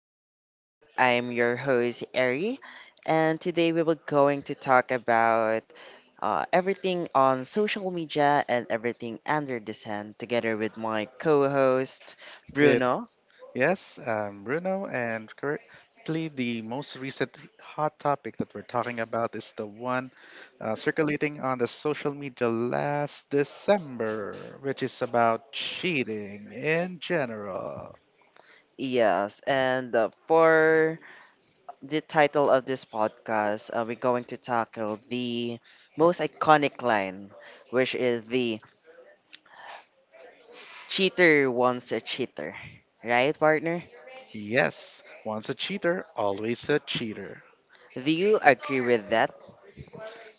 our listeners. I am your host, Ari, and today we will going to talk about everything on social media and everything under the sun together with my co-host, It Bruno. Yes, Bruno. And currently the most recent hot topic that we're talking about is the one circulating on the social media last December, which is about cheating in general. Yes, and for the title of this podcast, we're going to tackle the most iconic line, which is the cheater wants a cheater. Right, partner? Yes, once a cheater, always a cheater. Do you agree with that?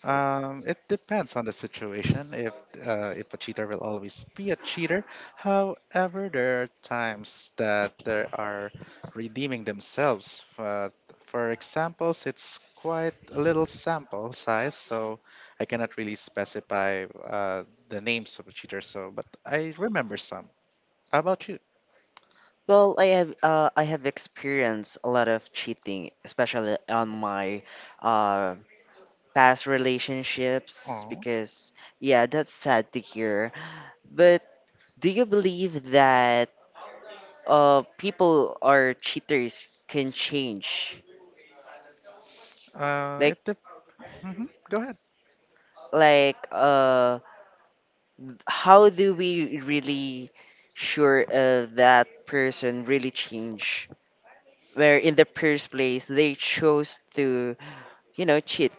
It depends on the situation. If a cheater will always be a cheater. However, there are times that they are redeeming themselves. For examples, it's quite a little sample size, so I cannot really specify the names of the cheaters. So, but I remember some. How about you? Well, I have experienced a lot of cheating, especially on my uh, past relationships, Oh, because yeah, that's sad to hear. But do you believe that people or cheaters can change? uh, it Like dep- mhm, go ahead. like how do we really sure that person really change? Where in the first place they chose to cheat.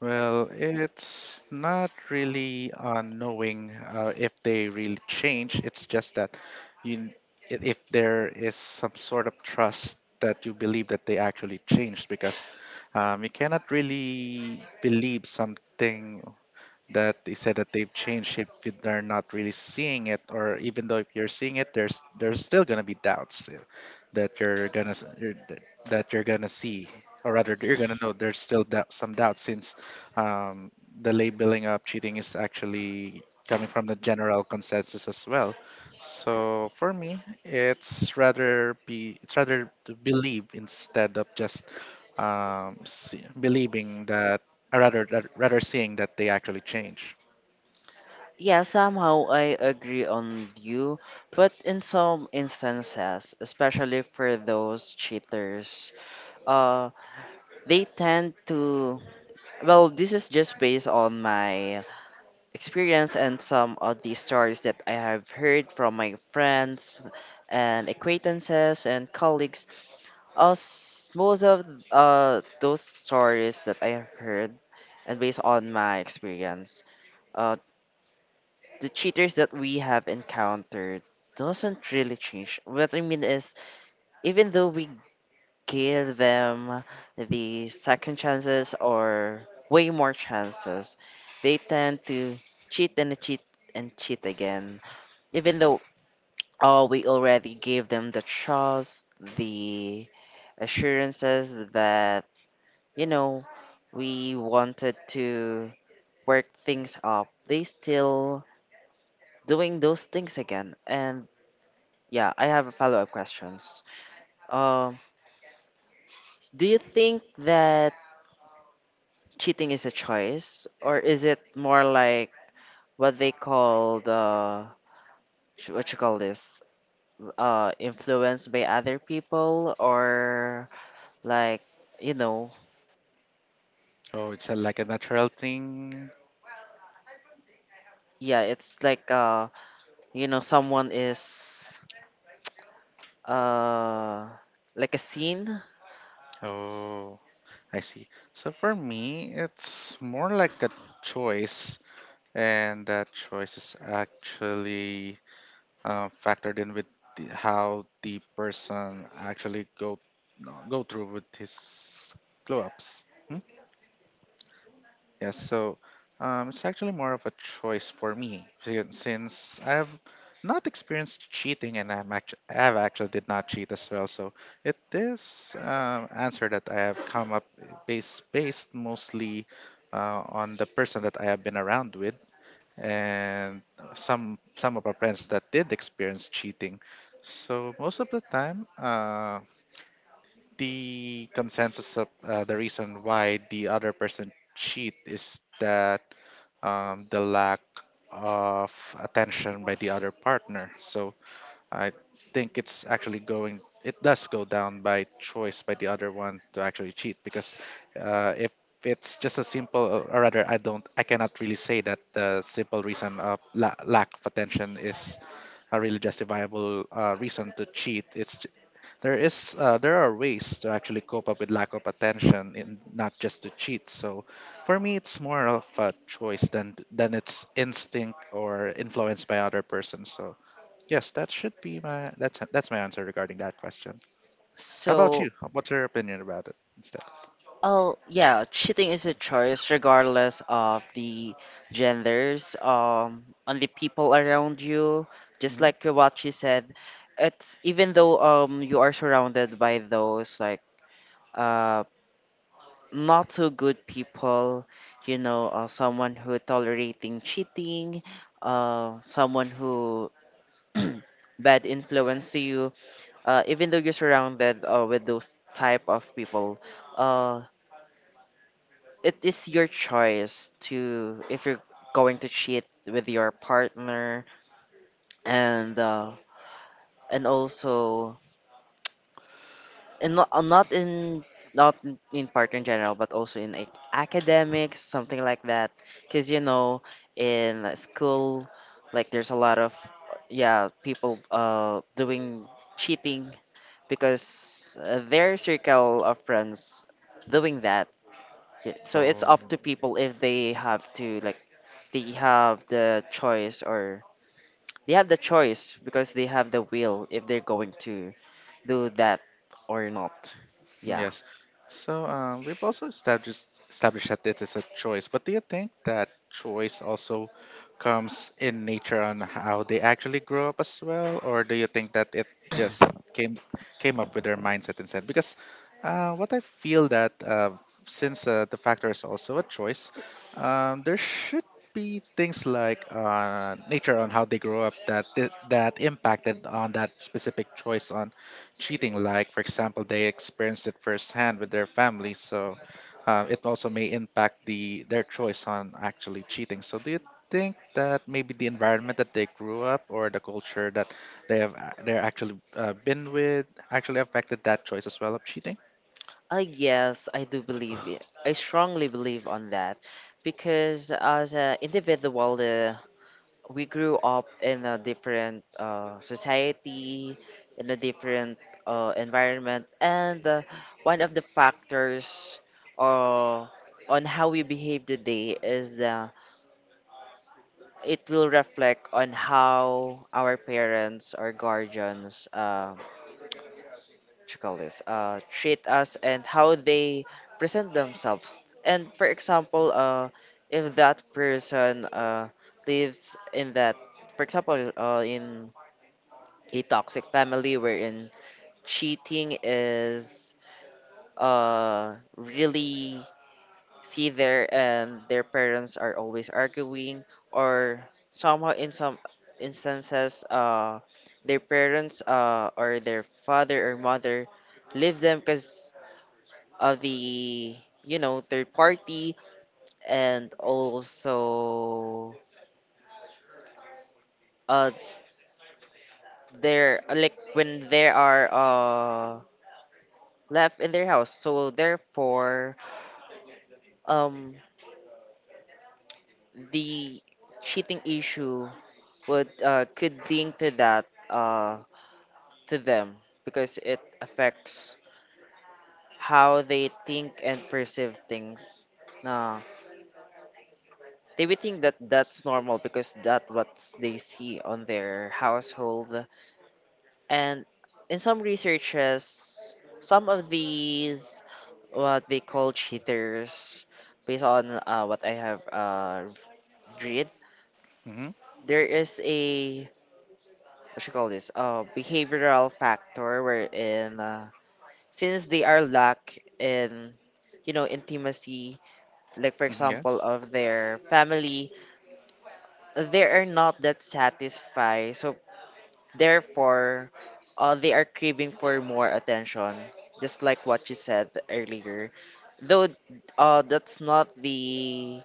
Well, it's not really knowing if they really change. It's just that you, if there is some sort of trust that you believe that they actually changed, because you cannot really believe something that they said that they've changed if they're not really seeing it, or even though if you're seeing it there's still going to be doubts that you're going to see, or rather you're going to know there's still doubt, some doubt since um, the labeling of cheating is actually coming from the general consensus as well. So for me it's rather to believe instead of just believing that. Rather seeing that they actually change. Yeah, somehow I agree on you, but in some instances, especially for those cheaters, uh, they tend to. Well, this is just based on my experience and some of the stories that I have heard from my friends and acquaintances and colleagues. As most of those stories that I have heard, and based on my experience, uh, the cheaters that we have encountered doesn't really change. What I mean is, even though we give them the second chances or way more chances, they tend to cheat and cheat and cheat again. Even though oh, we already gave them the trust, the assurances that, you know, we wanted to work things up, they still doing those things again. And yeah, I have a follow-up questions. Um, do you think that cheating is a choice, or is it more like what they call the what you call this, influenced by other people, or like you know, Oh, it's a, like a natural thing. yeah, it's like you know, someone is uh, like a scene. Oh, I see. So for me, it's more like a choice, and that choice is actually factored in with the, how the person actually go no, go through with his glow ups. Yes, so it's actually more of a choice for me since I've not experienced cheating, and I've actually did not cheat as well. So it is answer that I have come up based mostly on the person that I have been around with, and some of our friends that did experience cheating. So most of the time, the consensus of the reason why the other person cheat is that the lack of attention by the other partner. So I think it's actually it does go down by choice by the other one to actually cheat. Because if it's just a simple, or rather, I cannot really say that the simple reason of lack of attention is a really justifiable reason to cheat. It's There is there are ways to actually cope up with lack of attention and not just to cheat. So for me, it's more of a choice than it's instinct or influenced by other person. So yes, that should be my that's my answer regarding that question. How about So you? What's your opinion about it instead? oh, yeah, cheating is a choice regardless of the genders, on the people around you. Just Mhm. like what she said, it's even though you are surrounded by those like uh not so good people, you know, someone who tolerating cheating, someone who bad influence to you. Even though you're surrounded with those type of people, uh it is your choice to if you're going to cheat with your partner and uh, and also and not, not in in partner in general but also in academics something like that because you know in school like there's a lot of yeah people doing cheating because their circle of friends doing that. Yeah, so it's Oh. up to people if they have to like they have the choice or they have the choice because they have the will if they're going to do that or not. Yeah. Yes. So we've also established that it is a choice, but do you think that choice also comes in nature on how they actually grow up as well? Or do you think that it just came came up with their mindset instead? Because what I feel that since the factor is also a choice, there should be things like nature on how they grow up that impacted on that specific choice on cheating. Like for example, they experienced it firsthand with their families, so it also may impact the their choice on actually cheating. So do you think that maybe the environment that they grew up, or the culture that they're actually been with, actually affected that choice as well of cheating? I guess I do believe it. I strongly believe on that because as an individual, we grew up in a different society, in a different environment, and one of the factors uh, on how we behave today is the it will reflect on how our parents or guardians, what you call this, treat us and how they present themselves. And for example, if that person lives in that, for example, in a toxic family wherein cheating is really see there and their parents are always arguing or somehow in some instances their parents or their father or mother leave them because of the third party and also uh they're like when they are left in their house so therefore um the cheating issue would could link to that to them because it affects how they think and perceive things. Nah, they would think that that's normal because that's what they see on their household. And in some researches, some of these what they call cheaters, based on what I have read, Hmm. there is a what you call this behavioral factor wherein since they are lack in intimacy like for example Yes. of their family they are not that satisfied so therefore they are craving for more attention just like what you said earlier though that's not the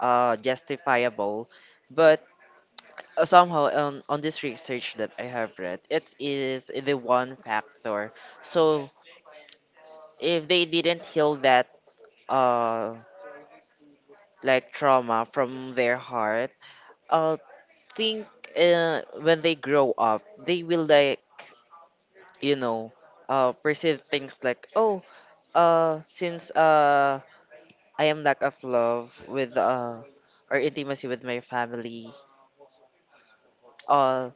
justifiable but somehow on this research that I have read it is the one factor so if they didn't heal that uh like trauma from their heart, I think when they grow up, they will like you know perceive things like oh since I am lack of love with or intimacy with my family, uh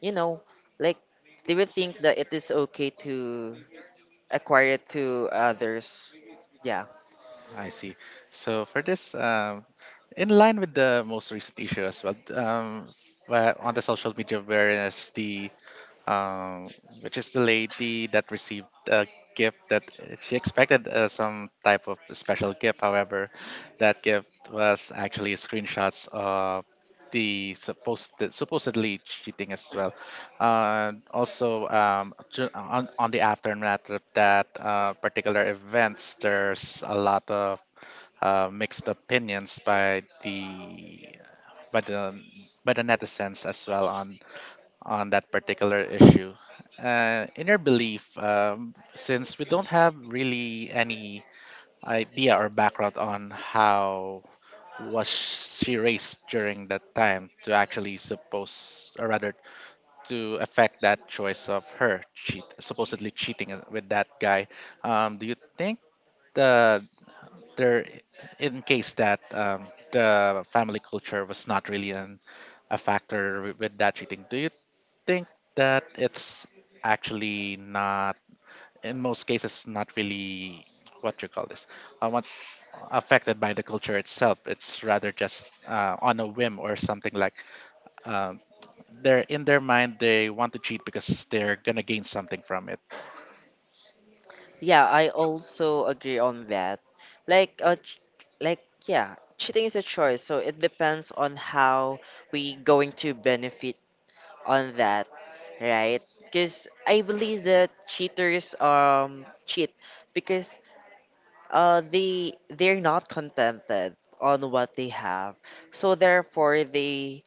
you know like they will think that it is okay to acquire it to others. Yeah. I see. So for this in line with the most recent issue as well on the social media, whereas the um, which is the lady that received a gift that she expected some type of special gift. However, that gift was actually screenshots of the supposedly cheating as well. Also, on the aftermath of that particular events, there's a lot of mixed opinions by the by the by the netizens as well on that particular issue. Inner belief, since we don't have really any idea or background on how was she raised during that time to actually suppose or rather to affect that choice of her cheat supposedly cheating with that guy, do you think the there in case that the family culture was not really a factor with that cheating, do you think that it's actually not in most cases not really what you call this what affected by the culture itself? It's rather just on a whim or something like um, they're in their mind they want to cheat because they're gonna gain something from it. Yeah, I also agree on that. Like, like yeah, cheating is a choice, so it depends on how we going to benefit on that, right? Because I believe that cheaters cheat because they're not contented on what they have, so therefore they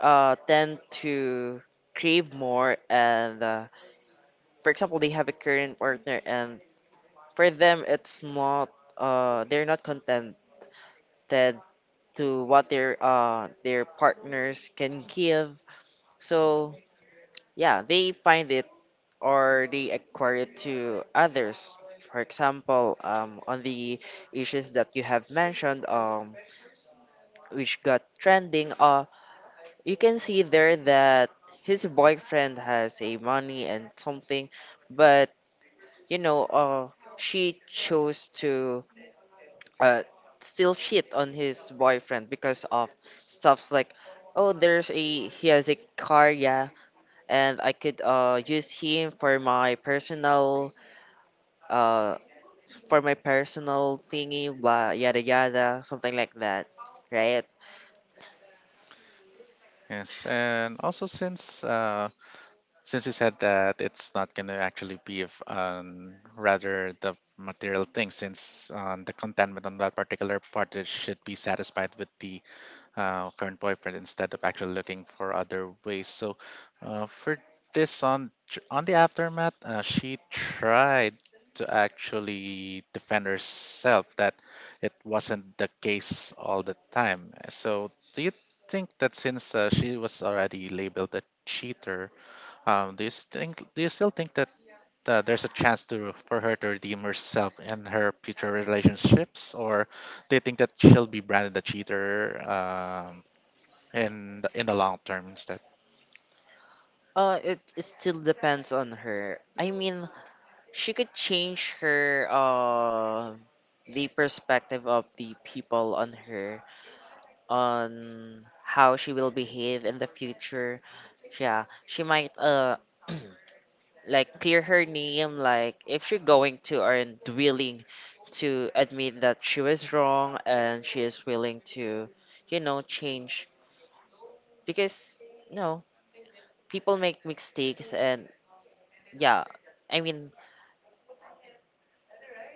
tend to crave more and for example they have a current partner and for them it's not they're not contented to what their partners can give so yeah they find it or they acquire it to others for example on the issues that you have mentioned which got trending you can see there that his boyfriend has a money and something but you know she chose to uh, still cheat on his boyfriend because of stuff like oh there's a he has a car yeah and I could use him uh for my personal thingy blah yada yada something like that, right? Yes, and also since you said that it's not going to actually be of rather the material thing, since the contentment on that particular part it should be satisfied with the current boyfriend instead of actually looking for other ways. So for this on the aftermath, she tried to actually defend herself that it wasn't the case all the time. So do you think that since she was already labeled a cheater, do you think? Do you still think that there's a chance to for her to redeem herself and her future relationships? Or do you think that she'll be branded a cheater in the long term instead? It still depends on her. I mean, she could change her the perspective of the people on her on how she will behave in the future. Yeah, she might like clear her name like if she going to and willing to admit that she was wrong and she is willing to you know change because no people make mistakes and yeah I mean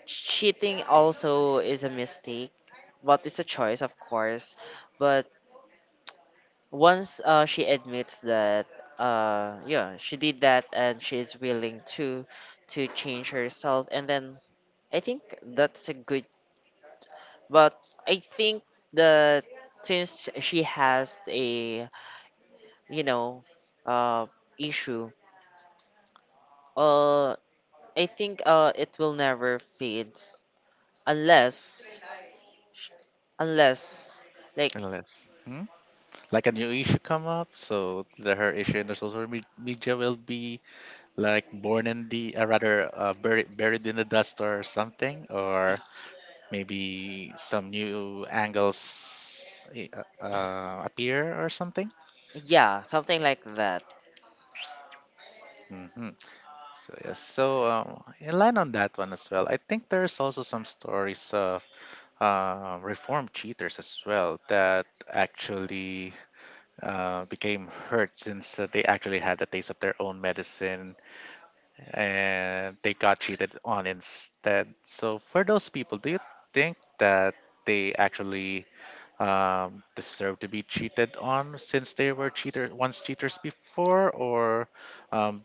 cheating also is a mistake but it's a choice of course but once she admits that yeah she did that and she is willing to change herself and then I think that's a good but I think that since she has a you know uh issue uh I think it will never fade unless sh- unless like Unless hmm? Like a new issue come up, so the, her issue in the social media will be like born in the rather buried in the dust or something. Or maybe some new angles appear or something. yeah something like that. Mhm. So yes, so in line on that one as well, I think there's also some stories of reform cheaters as well that actually became hurt since they actually had a taste of their own medicine and they got cheated on instead. So for those people, do you think that they actually deserve to be cheated on since they were cheaters before? Or um,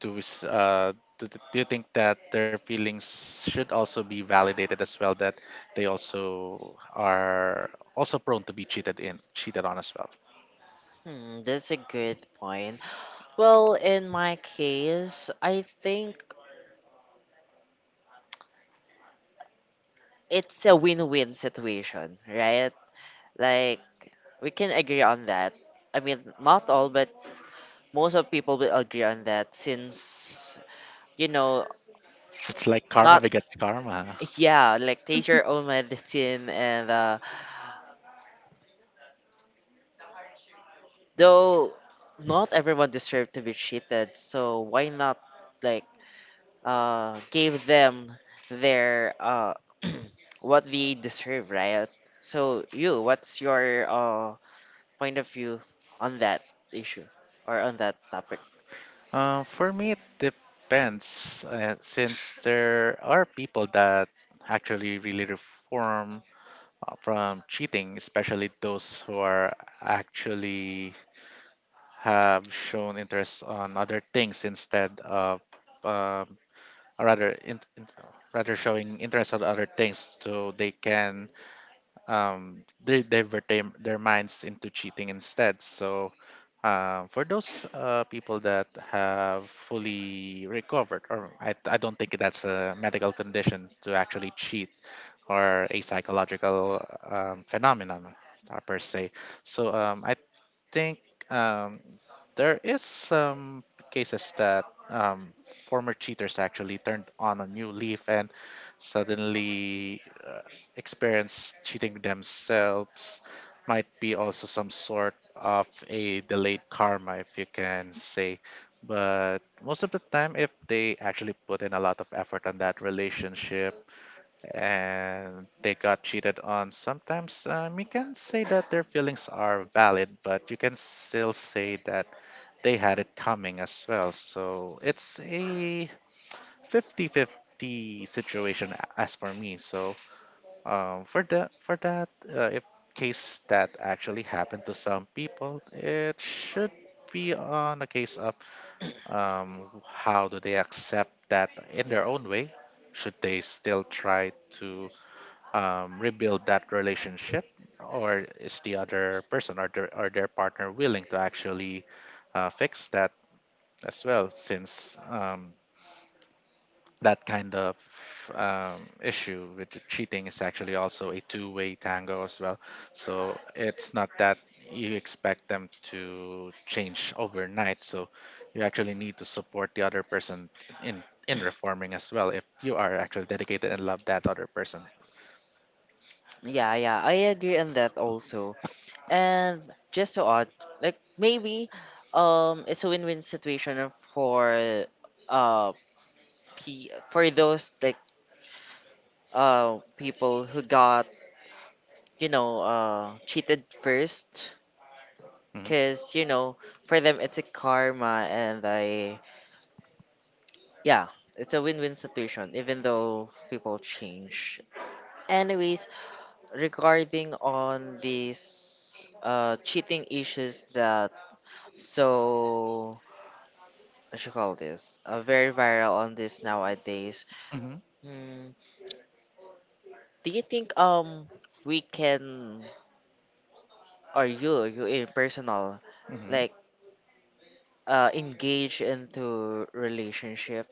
do s- do, th- do you think that their feelings should also be validated as well, that they also are also prone to be cheated on as well? Hmm, that's a good point. Well, in my case, I think it's a win-win situation, right? Like we can agree on that. I mean, not all, but most of people will agree on that since you know, It's like karma not begets karma. yeah, like taste your own medicine and though not everyone deserves to be cheated, so why not like give them their what they deserve, right? So you, what's your point of view on that issue or on that topic. For me it depends since there are people that actually really reform from cheating, especially those who are actually have shown interest on other things instead of um, or rather in, rather showing interest on other things so they can they divert their minds into cheating instead. So for those people that have fully recovered. Or I don't think that's a medical condition to actually cheat, or a psychological phenomenon per se. So I think um, there is some cases that former cheaters actually turned on a new leaf and suddenly experience cheating themselves. Might be also some sort of a delayed karma, if you can say. But most of the time if they actually put in a lot of effort on that relationship and they got cheated on sometimes, you can say that their feelings are valid, but you can still say that they had it coming as well. So it's a 50-50 situation as for me. So for that if case that actually happened to some people, it should be on a case of um, how do they accept that in their own way. Should they still try to rebuild that relationship, or is the other person or or their partner willing to actually fix that as well? Since that kind of issue with the cheating is actually also a two-way tango as well. So it's not that you expect them to change overnight. So you actually need to support the other person in reforming as well, if you are actually dedicated and love that other person. Yeah, yeah, I agree on that also. And just to add, like maybe it's a win-win situation for uh p for those like people who got, you know, cheated first cuz you know, for them it's a karma and I yeah, it's a win-win situation even though people change. Anyways, regarding on these cheating issues that so what you call this very viral on this nowadays. Mhm. Hmm. Do you think we can or you in personal Hmm. like engage into relationship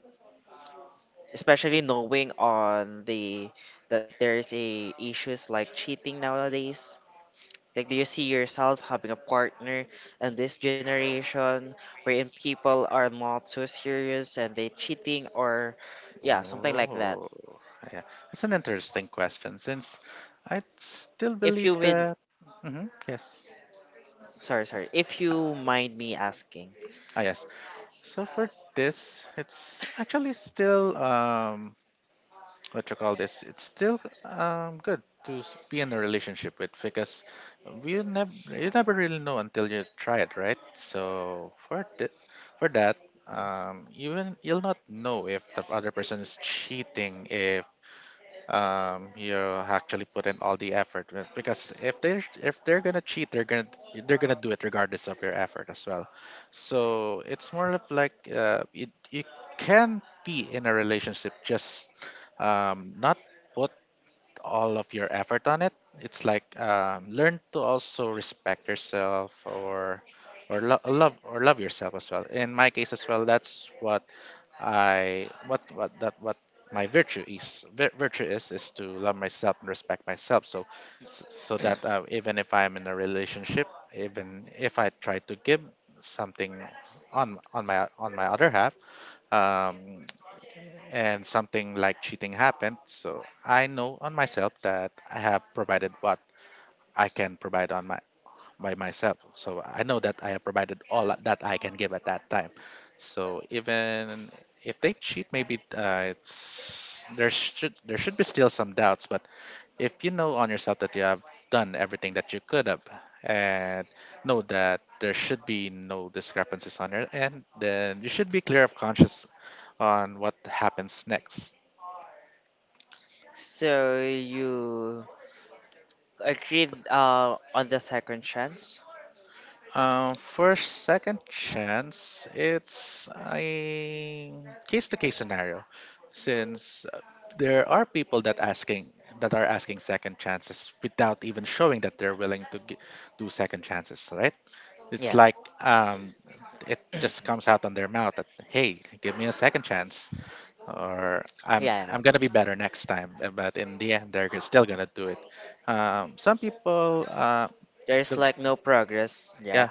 especially knowing on the that there is a issues like cheating nowadays. Like, do you see yourself having a partner in this generation wherein people are not so serious and they cheating or, yeah, something like that? Oh, yeah. It's an interesting question since I still If believe you would, that. Hmm. Yes. sorry, sorry, if you mind me asking, Ah, yes. So for this, it's actually still what you call this? It's still good be in a relationship with, because we never you never really know until you try it, right? So for for that, even you'll not know if the other person is cheating if you actually put in all the effort because if they're gonna cheat they're gonna do it regardless of your effort as well. So it's more of like you can be in a relationship just not put all of your effort on it. It's like learn to also respect yourself, or love yourself as well. In my case as well, that's what I what that what my virtue is to love myself and respect myself, so so that even if I'm in a relationship, even if I try to give something on my other half, um, and something like cheating happened. So I know on myself that I have provided what I can provide on my by myself. So I know that I have provided all that I can give at that time. So even if they cheat, maybe it's there should be still some doubts. But if you know on yourself that you have done everything that you could have, and know that there should be no discrepancies on your end, then you should be clear of conscience on what happens next. so you agreed on the second chance? For second chance, it's a case to case scenario, since there are people that asking that are asking second chances without even showing that they're willing to do second chances, right? It's Yeah, like um, it just comes out on their mouth that, hey, give me a second chance, or I'm yeah, I'm yeah. gonna be better next time. But in the end, they're still gonna do it. Some people, There's the like no progress. yeah Yeah.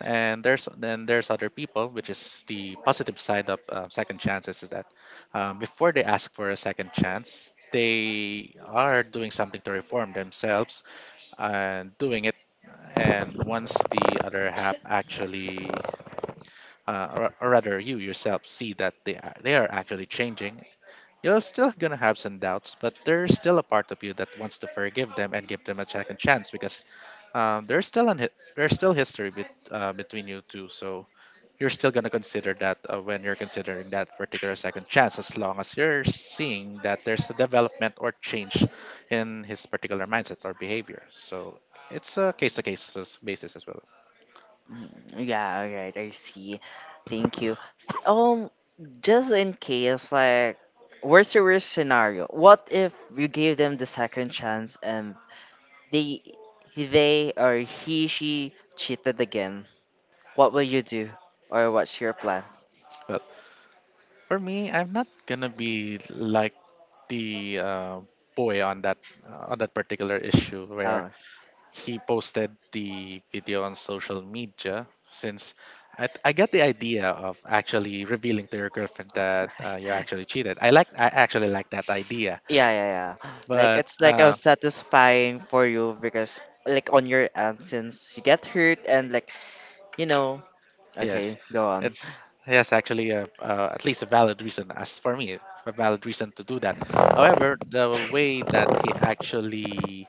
and there's other people which is the positive side of second chances, is that before they ask for a second chance, they are doing something to reform themselves and doing it, and once the other half actually, or rather you yourself, see that they are actually changing, you're still going to have some doubts, but there's still a part of you that wants to forgive them and give them a second chance, because there's still an hi- there's still history between you two. So you're still going to consider that when you're considering that particular second chance, as long as you're seeing that there's a development or change in his particular mindset or behavior. So it's a case to case basis as well. Mm, yeah, all right, I see. Thank you. Just in case, like, worst to worst scenario, what if you gave them the second chance and they, they or he, she cheated again? What will you do, or what's your plan? Well, for me, I'm not gonna be like the boy on that, on that particular issue where Oh, he posted the video on social media, since I get the idea of actually revealing to your girlfriend that you actually cheated. I actually like that idea, yeah, yeah, yeah. Like but it's like a satisfying for you because like on your end since you get hurt and like you know. yes, Okay, go on. it's yes actually a, at least a valid reason, as for me a valid reason to do that. However, the way that he actually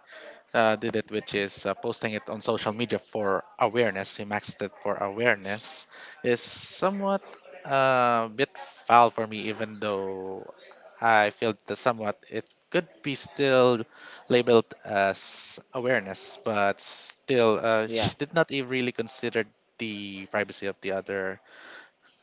did it, which is posting it on social media for awareness. He maxed it for awareness, is somewhat a bit foul for me, even though I feel that somewhat it could be still labeled as awareness. But still, she Yeah. did not really consider the privacy of the other,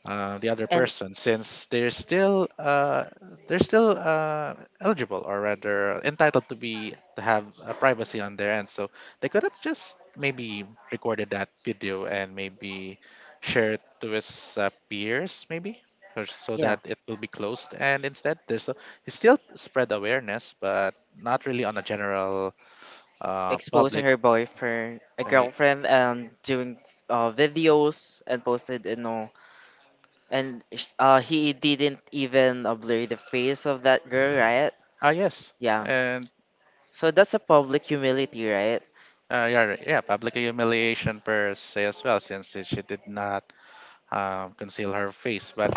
the other And person, since they're still they're still uh, eligible, or rather entitled to be to have privacy on their end, so they could have just maybe recorded that video and maybe share it to his peers, maybe, or so yeah. that it will be closed, and instead there's a, it's still spread awareness, but not really on a general Exposing public. her boyfriend, a uh, girlfriend, and doing videos and posted, you know, and he didn't even blur the face of that girl, right? ah, yes. Yeah. And So that's a public humility, right? yeah, right. Yeah, public humiliation per se as well, since she did not conceal her face. But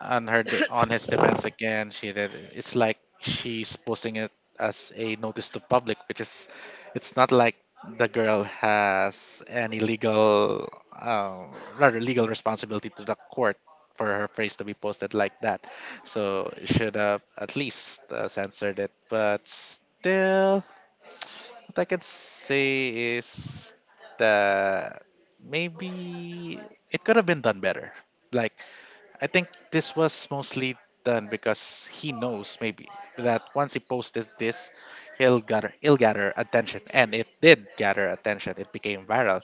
on her on his defense again, she did. It's like she's posting it as a notice to public, which is, it's not like the girl has any legal, rather legal responsibility to the court for her face to be posted like that. So it should have at least censored it, but still what I can say is that maybe it could have been done better. Like, I think this was mostly done because he knows maybe that once he posted this, he'll gather attention, and it did gather attention. It became viral,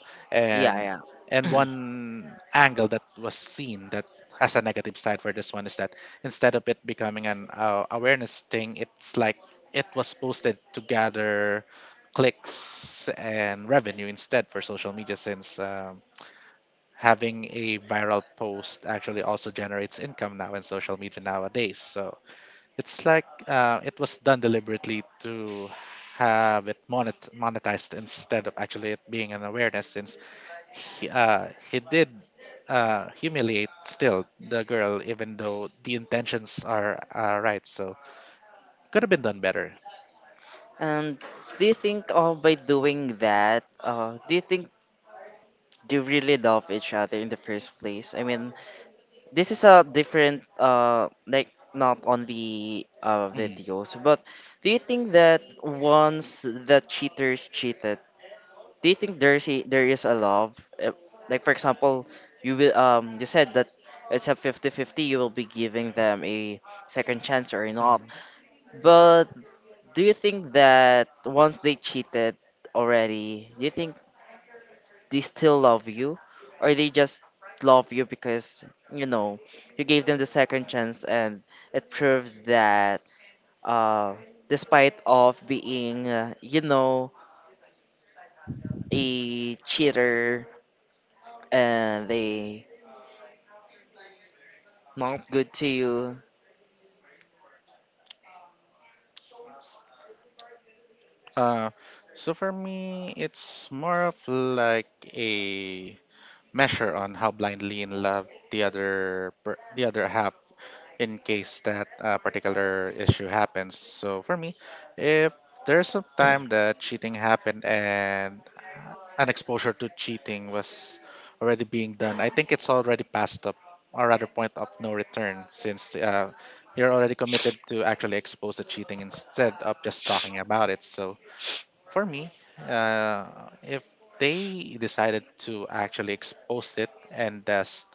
Yeah, and yeah. One angle that was seen, that has a negative side for this one, is that instead of it becoming an awareness thing, it's like it was posted to gather clicks and revenue instead for social media, since having a viral post actually also generates income now in social media nowadays. So it's like it was done deliberately to have it monetized instead of actually it being an awareness, since he did humiliate still the girl, even though the intentions are right. So could have been done better. And do you think by doing that, do you think they really love each other in the first place? I mean, this is a different like not only Mhm, videos but do you think that once the cheaters cheated do you think there is a love. Like for example you will you said that it's a 50 50. You will be giving them a second chance or not mhm. but do you think that once they cheated already do you think they still love you or they just love you because you know you gave them the second chance and it proves that uh despite of being you know a cheater and they not good to you Uh, so for me, it's more of like a measure on how blindly in love the other the other half in case that particular issue happens. So for me, if there's some time that cheating happened and an exposure to cheating was already being done, I think it's already passed up, or rather point of no return, since you're already committed to actually expose the cheating instead of just talking about it. So for me, uh, if they decided to actually expose it and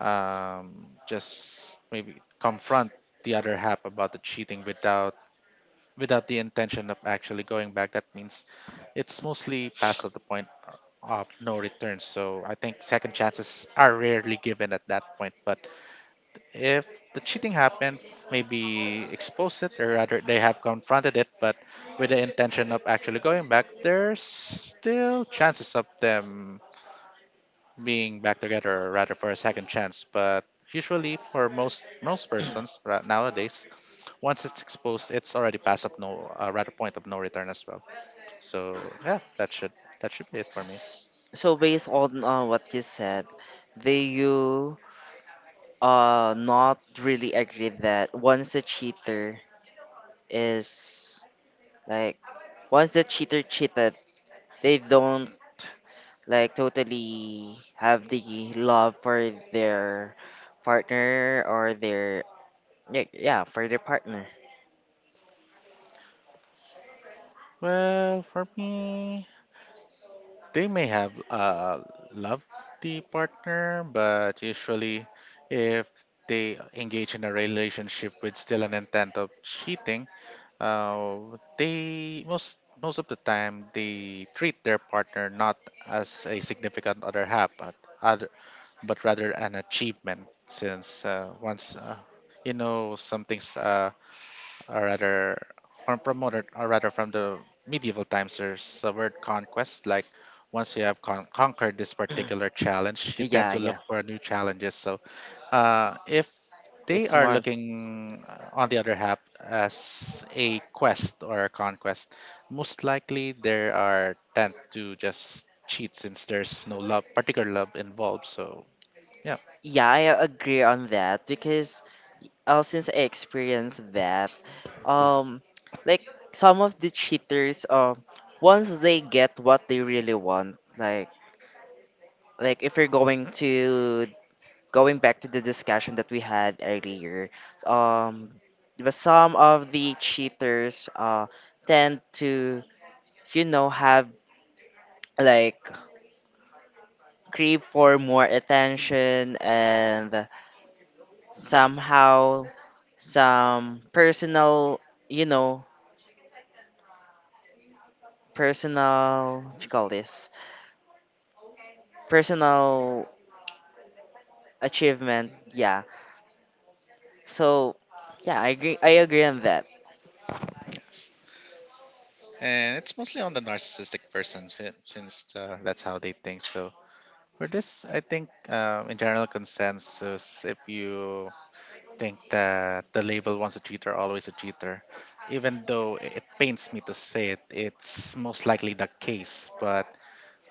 just maybe confront the other half about the cheating without, without the intention of actually going back, that means it's mostly past of the point of no return. So I think second chances are rarely given at that point. But if the cheating happened, maybe expose it, or rather, they have confronted it, but with the intention of actually going back, there's still chances of them being back together, or rather, for a second chance. But usually, for most persons nowadays, once it's exposed, it's already past up no, rather point of no return as well. So yeah, that should be it for me. so based on what you said do you not really agree that once a cheater is like once the cheater cheated they don't like totally have the love for their partner or their yeah, yeah for their partner. Well, for me. They may have loved the partner, but usually, if they engage in a relationship with still an intent of cheating, they most of the time they treat their partner not as a significant other half, but other, but rather an achievement. Since once you know, something's or rather from from from the medieval times, there's a word conquest, like once you have conquered this particular challenge, you tend Yeah, to look yeah, for new challenges. So if they it's are more looking on the other half as a quest or a conquest, most likely there are tend to just cheat, since there's no love particular love involved. So yeah. yeah I agree on that because since I experienced that um like some of the cheaters once they get what they really want like if you're going to going back to the discussion that we had earlier, um, but some of the cheaters tend to, you know, have like crave for more attention and somehow some personal, you know, personal, what you call this? Personal achievement, yeah. So, yeah, I agree. I agree on that. Yes, and it's mostly on the narcissistic person, since that's how they think. So for this, I think in general consensus, if you think that the label once a cheater, always a cheater, even though it pains me to say it, it's most likely the case. But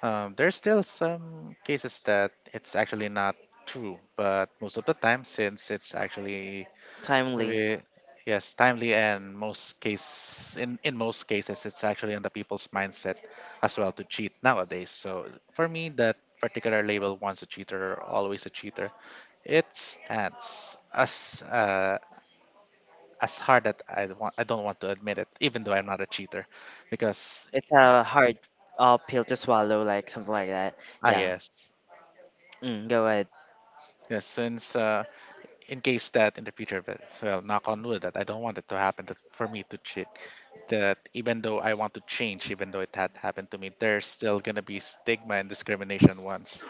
there's still some cases that it's actually not true. But most of the time, since it's actually Timely. we, yes, timely, and most case in most cases it's actually on the people's mindset as well to cheat nowadays. So for me, that particular label "once a cheater, always a cheater" it stands as hard that I don't want to admit it, even though I'm not a cheater, because It's a hard pill to swallow, like something like that. ah, Yeah. yes. Mm, go ahead. Yes, since in case that in the future, that, well, knock on wood, that I don't want it to happen, that for me to cheat, that even though I want to change, even though it had happened to me, there's still gonna be stigma and discrimination once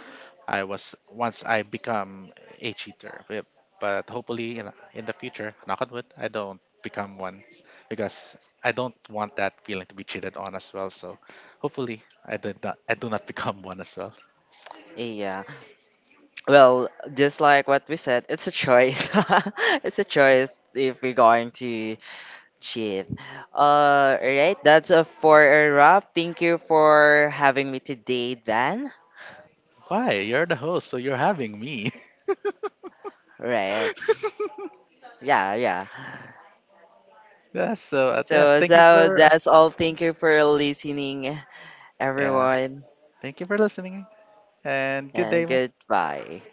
I was once I become a cheater, but hopefully in the future, knock on wood, I don't become one, because I don't want that feeling to be cheated on as well. So hopefully I do not become one as well. Yeah. Well, just like what we said, it's a choice. It's a choice if we're going to cheat. Right. That's a for a wrap. Thank you for having me today, Dan. Why, you're the host, so you're having me Right. Yeah. Yeah. Yes, so yes, So, thank you so for that's all. Thank you for listening, yeah. everyone, Thank you for listening and good and day. goodbye.